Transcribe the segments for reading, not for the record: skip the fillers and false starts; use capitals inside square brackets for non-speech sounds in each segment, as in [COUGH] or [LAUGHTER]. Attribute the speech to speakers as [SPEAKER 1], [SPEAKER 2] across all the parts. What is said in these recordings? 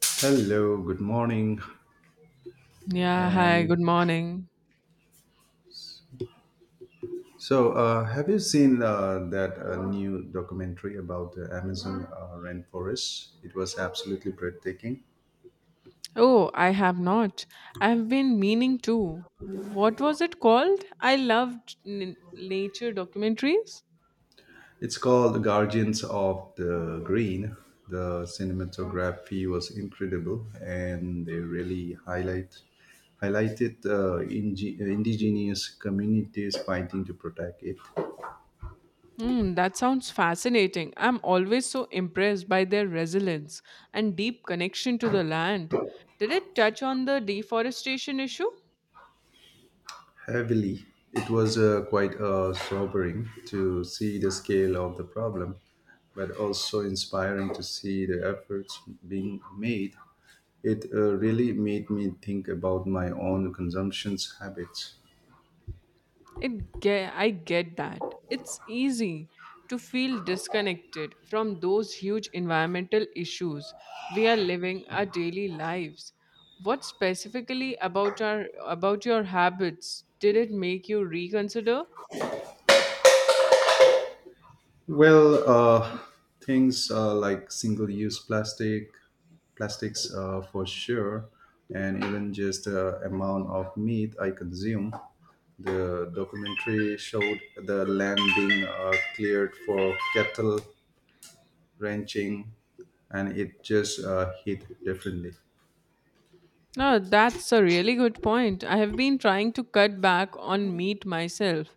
[SPEAKER 1] Hello, good morning.
[SPEAKER 2] Yeah, hi,
[SPEAKER 1] And
[SPEAKER 2] good morning.
[SPEAKER 1] so, have you seen that new documentary about the Amazon rainforest? It was absolutely breathtaking.
[SPEAKER 2] Oh, I have not. I have been meaning to. What was it called? I loved nature documentaries.
[SPEAKER 1] It's called The Guardians of the Green. The cinematography was incredible, and they really highlighted indigenous communities fighting to protect it.
[SPEAKER 2] Hmm, that sounds fascinating. I'm always so impressed by their resilience and deep connection to the land. Did it touch on the deforestation issue?
[SPEAKER 1] Heavily. It was quite sobering to see the scale of the problem, but also inspiring to see the efforts being made. It really made me think about my own consumption habits.
[SPEAKER 2] I get that. It's easy to feel disconnected from those huge environmental issues we are living our daily lives. What specifically about your habits did it make you reconsider?
[SPEAKER 1] Well, uh, Things like plastics, for sure, and even just the amount of meat I consume. The documentary showed the land being cleared for cattle ranching, and it just hit differently.
[SPEAKER 2] No, that's a really good point. I have been trying to cut back on meat myself.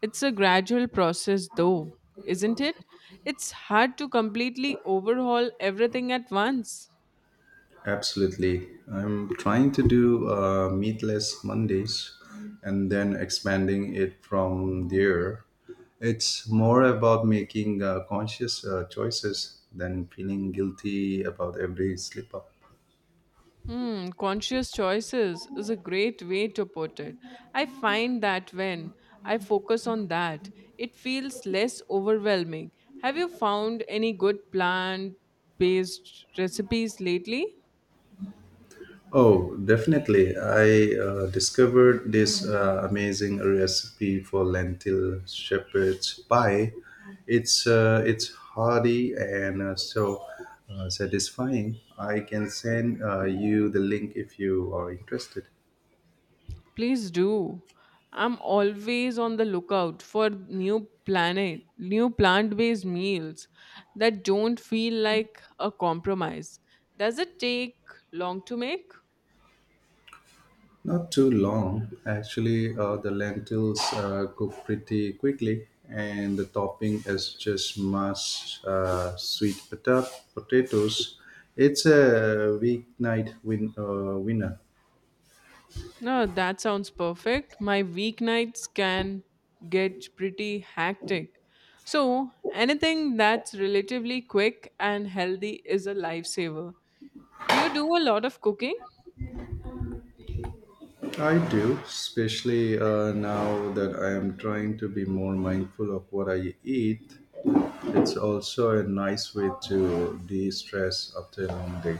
[SPEAKER 2] It's a gradual process though, isn't it? It's hard to completely overhaul everything at once.
[SPEAKER 1] Absolutely. I'm trying to do meatless Mondays and then expanding it from there. It's more about making conscious choices than feeling guilty about every slip up.
[SPEAKER 2] Hmm, conscious choices is a great way to put it. I find that when I focus on that, it feels less overwhelming. Have you found any good plant based recipes lately?
[SPEAKER 1] Oh, definitely. I discovered this amazing recipe for lentil shepherd's pie. It's hearty and so satisfying. I can send you the link if you are interested.
[SPEAKER 2] Please do. I'm always on the lookout for new plant based meals that don't feel like a compromise. Does it take long to make?
[SPEAKER 1] Not too long, actually. The lentils cook pretty quickly, and the topping is just mashed sweet potatoes. It's a winner.
[SPEAKER 2] No, that sounds perfect. My weeknights can get pretty hectic. So, anything that's relatively quick and healthy is a lifesaver. Do you do a lot of cooking?
[SPEAKER 1] I do, especially now that I am trying to be more mindful of what I eat. It's also a nice way to de stress after a long day.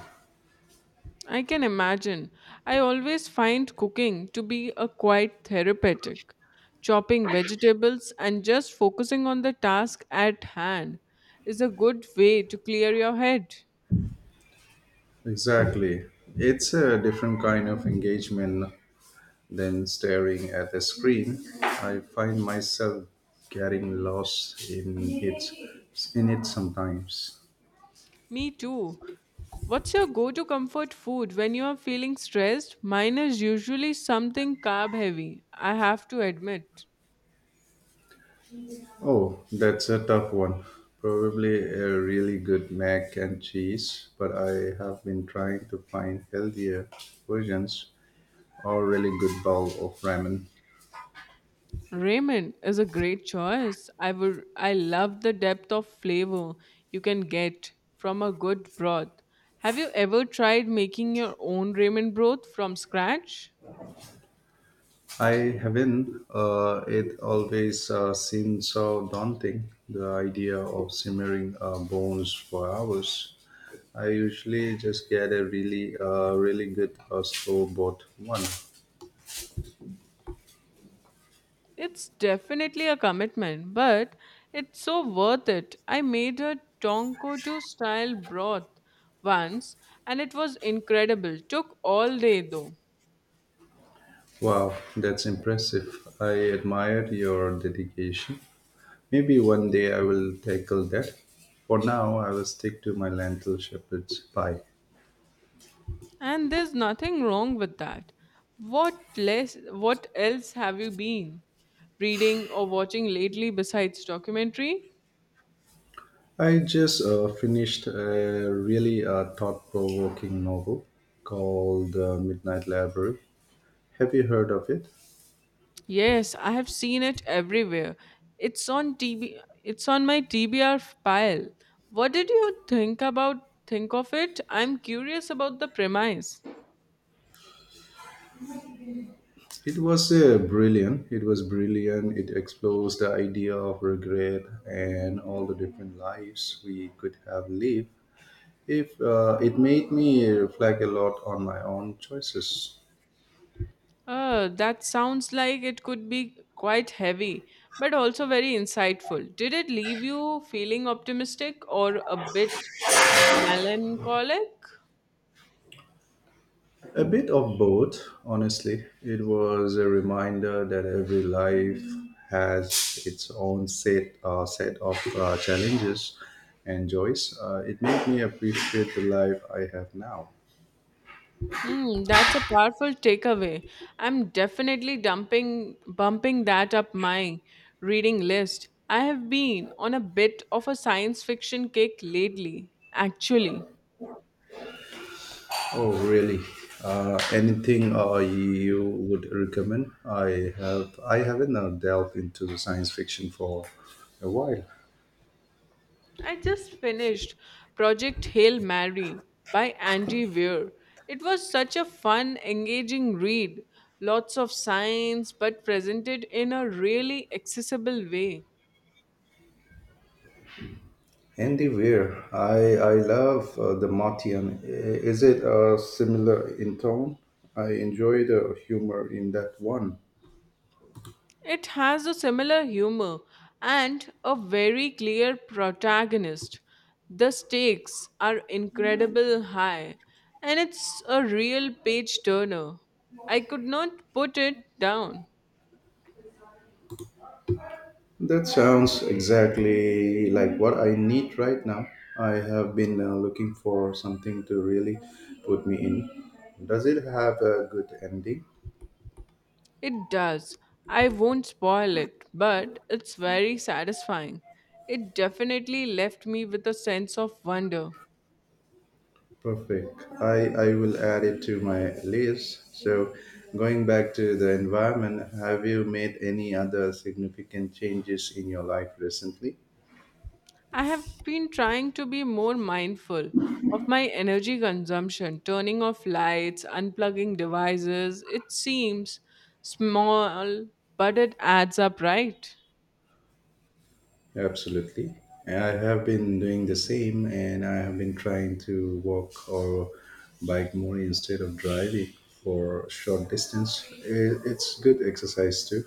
[SPEAKER 2] I can imagine. I always find cooking to be a quite therapeutic. Chopping vegetables and just focusing on the task at hand is a good way to clear your head.
[SPEAKER 1] Exactly. It's a different kind of engagement than staring at a screen. I find myself getting lost in it sometimes.
[SPEAKER 2] Me too. What's your go to comfort food when you are feeling stressed? Mine is usually something carb heavy, I have to admit.
[SPEAKER 1] Oh, that's a tough one. Probably a really good mac and cheese, but I have been trying to find healthier versions or really good bowl of ramen.
[SPEAKER 2] Ramen is a great choice. I love the depth of flavor you can get from a good broth. Have you ever tried making your own ramen broth from scratch?
[SPEAKER 1] I haven't. It always seemed so daunting, the idea of simmering bones for hours. I usually just get a really good slow bought one.
[SPEAKER 2] It's definitely a commitment, but it's so worth it. I made a tonkotu style broth once and it was incredible. Took all day though.
[SPEAKER 1] Wow, that's impressive. I admire your dedication. Maybe one day I will tackle that. For now, I will stick to my lentil shepherd's pie.
[SPEAKER 2] And there's nothing wrong with that. What else have you been reading or watching lately besides documentary?
[SPEAKER 1] I just finished a really thought provoking novel called The Midnight Library. Have you heard of it?
[SPEAKER 2] Yes, I have seen it everywhere. It's on my TBR pile. What did you think of it? I'm curious about the premise.
[SPEAKER 1] It was brilliant. It was brilliant. It explores the idea of regret and all the different lives we could have lived. If It made me reflect a lot on my own choices.
[SPEAKER 2] That sounds like it could be quite heavy, but also very insightful. Did it leave you feeling optimistic or a bit melancholic?
[SPEAKER 1] A bit of both, honestly. It was a reminder that every life has its own set of challenges and joys. It made me appreciate the life I have now.
[SPEAKER 2] Hmm, that's a powerful takeaway. I'm definitely dumping bumping that up my reading list. I have been on a bit of a science fiction kick lately, actually.
[SPEAKER 1] Oh, really? Anything you would recommend? I haven't delved into science fiction for a while.
[SPEAKER 2] I just finished Project Hail Mary by Andy Weir. It was such a fun, engaging read. Lots of science, but presented in a really accessible way.
[SPEAKER 1] Anywhere. I love the Martian. Is it similar in tone? I enjoy the humor in that one.
[SPEAKER 2] It has a similar humor and a very clear protagonist. The stakes are incredible high, and it's a real page turner. I could not put it down.
[SPEAKER 1] That sounds exactly like what I need right now. I have been looking for something to really put me in. Does it have a good ending?
[SPEAKER 2] It does. I won't spoil it, but it's very satisfying. It definitely left me with a sense of wonder.
[SPEAKER 1] Perfect. I will add it to my list. So, going back to the environment, have you made any other significant changes in your life recently?
[SPEAKER 2] I have been trying to be more mindful of my energy consumption, turning off lights, unplugging devices. It seems small, but it adds up, right?
[SPEAKER 1] Absolutely. I have been doing the same, and I have been trying to walk or bike more instead of driving for short distance. It's good exercise too.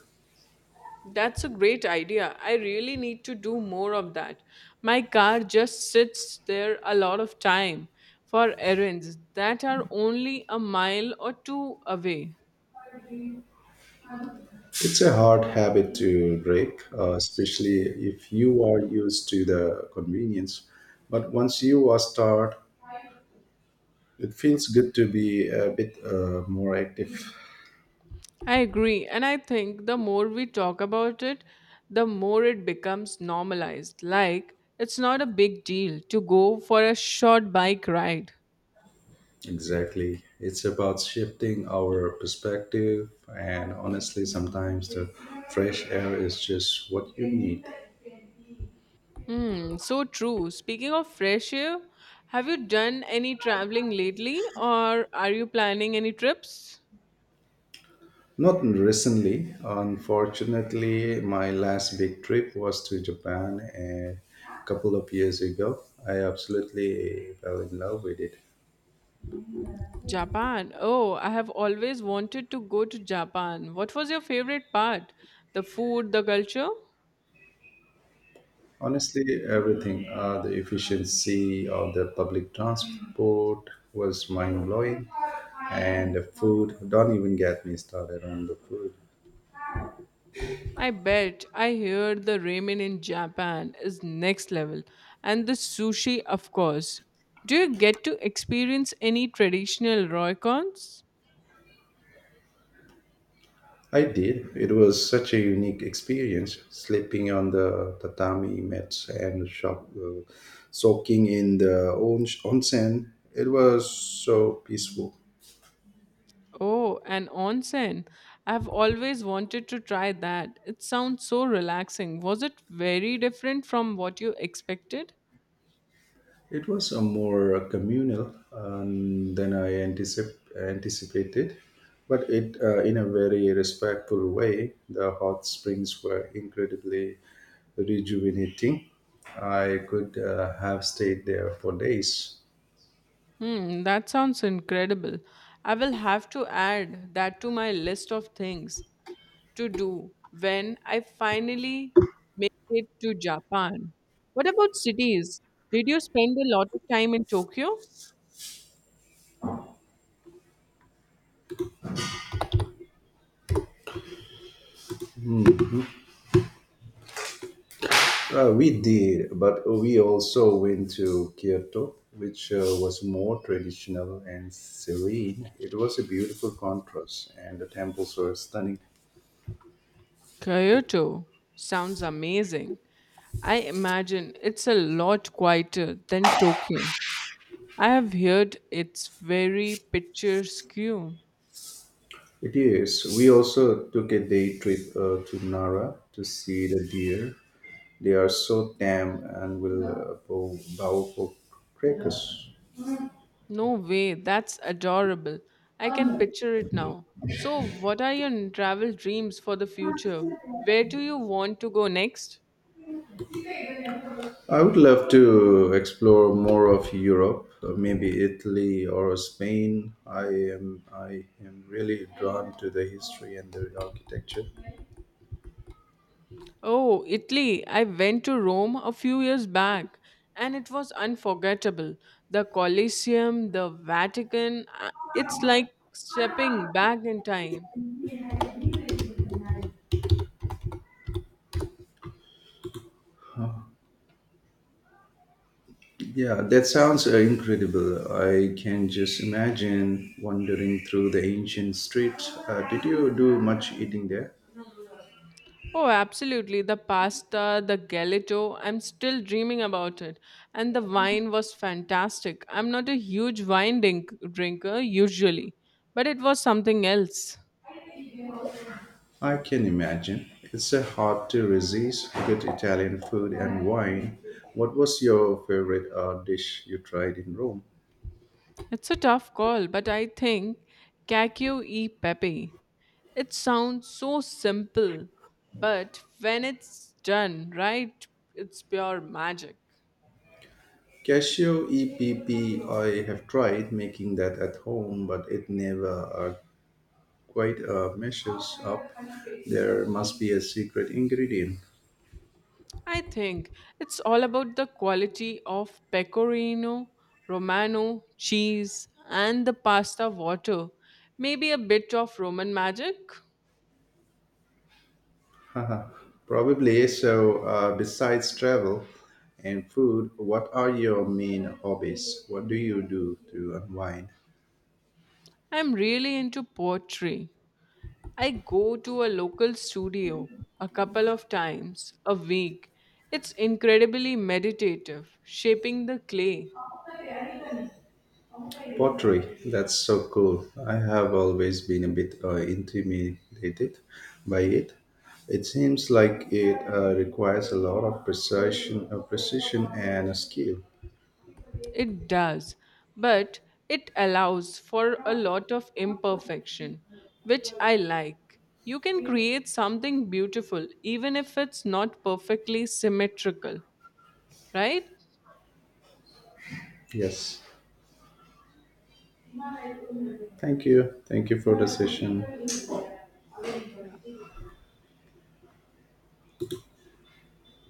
[SPEAKER 2] That's a great idea. I really need to do more of that. My car just sits there a lot of time for errands that are only a mile or two away.
[SPEAKER 1] It's a hard habit to break, especially if you are used to the convenience. But once you are start, it feels good to be a bit more active.
[SPEAKER 2] I agree. And I think the more we talk about it, the more it becomes normalized. Like, it's not a big deal to go for a short bike ride.
[SPEAKER 1] Exactly. It's about shifting our perspective, and honestly, sometimes the fresh air is just what you need.
[SPEAKER 2] Hmm, so true. Speaking of fresh air, have you done any traveling lately or are you planning any trips?
[SPEAKER 1] Not recently. Unfortunately, my last big trip was to Japan and a couple of years ago. I absolutely fell in love with it.
[SPEAKER 2] Japan. Oh, I have always wanted to go to Japan. What was your favorite part? The food, the culture?
[SPEAKER 1] Honestly, everything. The efficiency of the public transport was mind blowing, and the food. Don't even get me started on the food.
[SPEAKER 2] I bet. I hear the ramen in Japan is next level. And the sushi, of course. Do you get to experience any traditional roikons?
[SPEAKER 1] I did. It was such a unique experience, sleeping on the tatami mats and soaking in the onsen. It was so peaceful.
[SPEAKER 2] Oh, and onsen. I've always wanted to try that. It sounds so relaxing. Was it very different from what you expected?
[SPEAKER 1] It was a more communal than I anticipated, but it in a very respectful way. The hot springs were incredibly rejuvenating. I could have stayed there for days.
[SPEAKER 2] Hmm, that sounds incredible. I will have to add that to my list of things to do when I finally make it to Japan. What about cities? Did you spend a lot of time in Tokyo?
[SPEAKER 1] We did, but we also went to Kyoto, which was more traditional and serene. It was a beautiful contrast, and the temples were stunning.
[SPEAKER 2] Kyoto sounds amazing. I imagine it's a lot quieter than Tokyo. I have heard it's very picturesque. No
[SPEAKER 1] It is. We also took a day trip to Nara to see the deer. They are so tame and will bow for crackers.
[SPEAKER 2] way, that's adorable. I can picture it now. So, what are your travel dreams for the future? Where do you want to go next?
[SPEAKER 1] I would love to explore more of Europe, maybe Italy or Spain. I am really drawn to the history and the architecture.
[SPEAKER 2] Oh, Italy. I went to Rome a few years back and it was unforgettable. The Colosseum, the Vatican, it's like stepping back in time.
[SPEAKER 1] Yeah, that sounds incredible. I can just imagine wandering through the ancient streets. Did you do much eating there?
[SPEAKER 2] Oh, absolutely. The pasta, the gelato, I'm still dreaming about it. And the wine was fantastic. I'm not a huge drinker usually, but it was something else.
[SPEAKER 1] I can imagine. It's hard to resist good Italian food and wine. What was your favorite dish you tried in Rome?
[SPEAKER 2] It's a tough call, but I think Cacio e Pepe. It sounds so simple, but when it's done right, it's pure magic.
[SPEAKER 1] Cashew EPP, I have tried making that at home, but it never quite measures up. There must be a secret ingredient.
[SPEAKER 2] I think it's all about the quality of pecorino, romano, cheese, and the pasta water. Maybe a bit of Roman magic.
[SPEAKER 1] [LAUGHS] Haha. Probably. So, besides travel and food, what are your main hobbies? What do you do to unwind?
[SPEAKER 2] I'm really into poetry. I go to a local studio a couple of times a week. It's incredibly meditative, shaping the clay.
[SPEAKER 1] Pottery, that's so cool. I have always been a bit intimidated by it. It seems like it requires a lot of precision and skill.
[SPEAKER 2] It does, but it allows for a lot of imperfection, which I like. You can create something beautiful even if it's not perfectly symmetrical, right?
[SPEAKER 1] Yes. Thank you. Thank you for the session.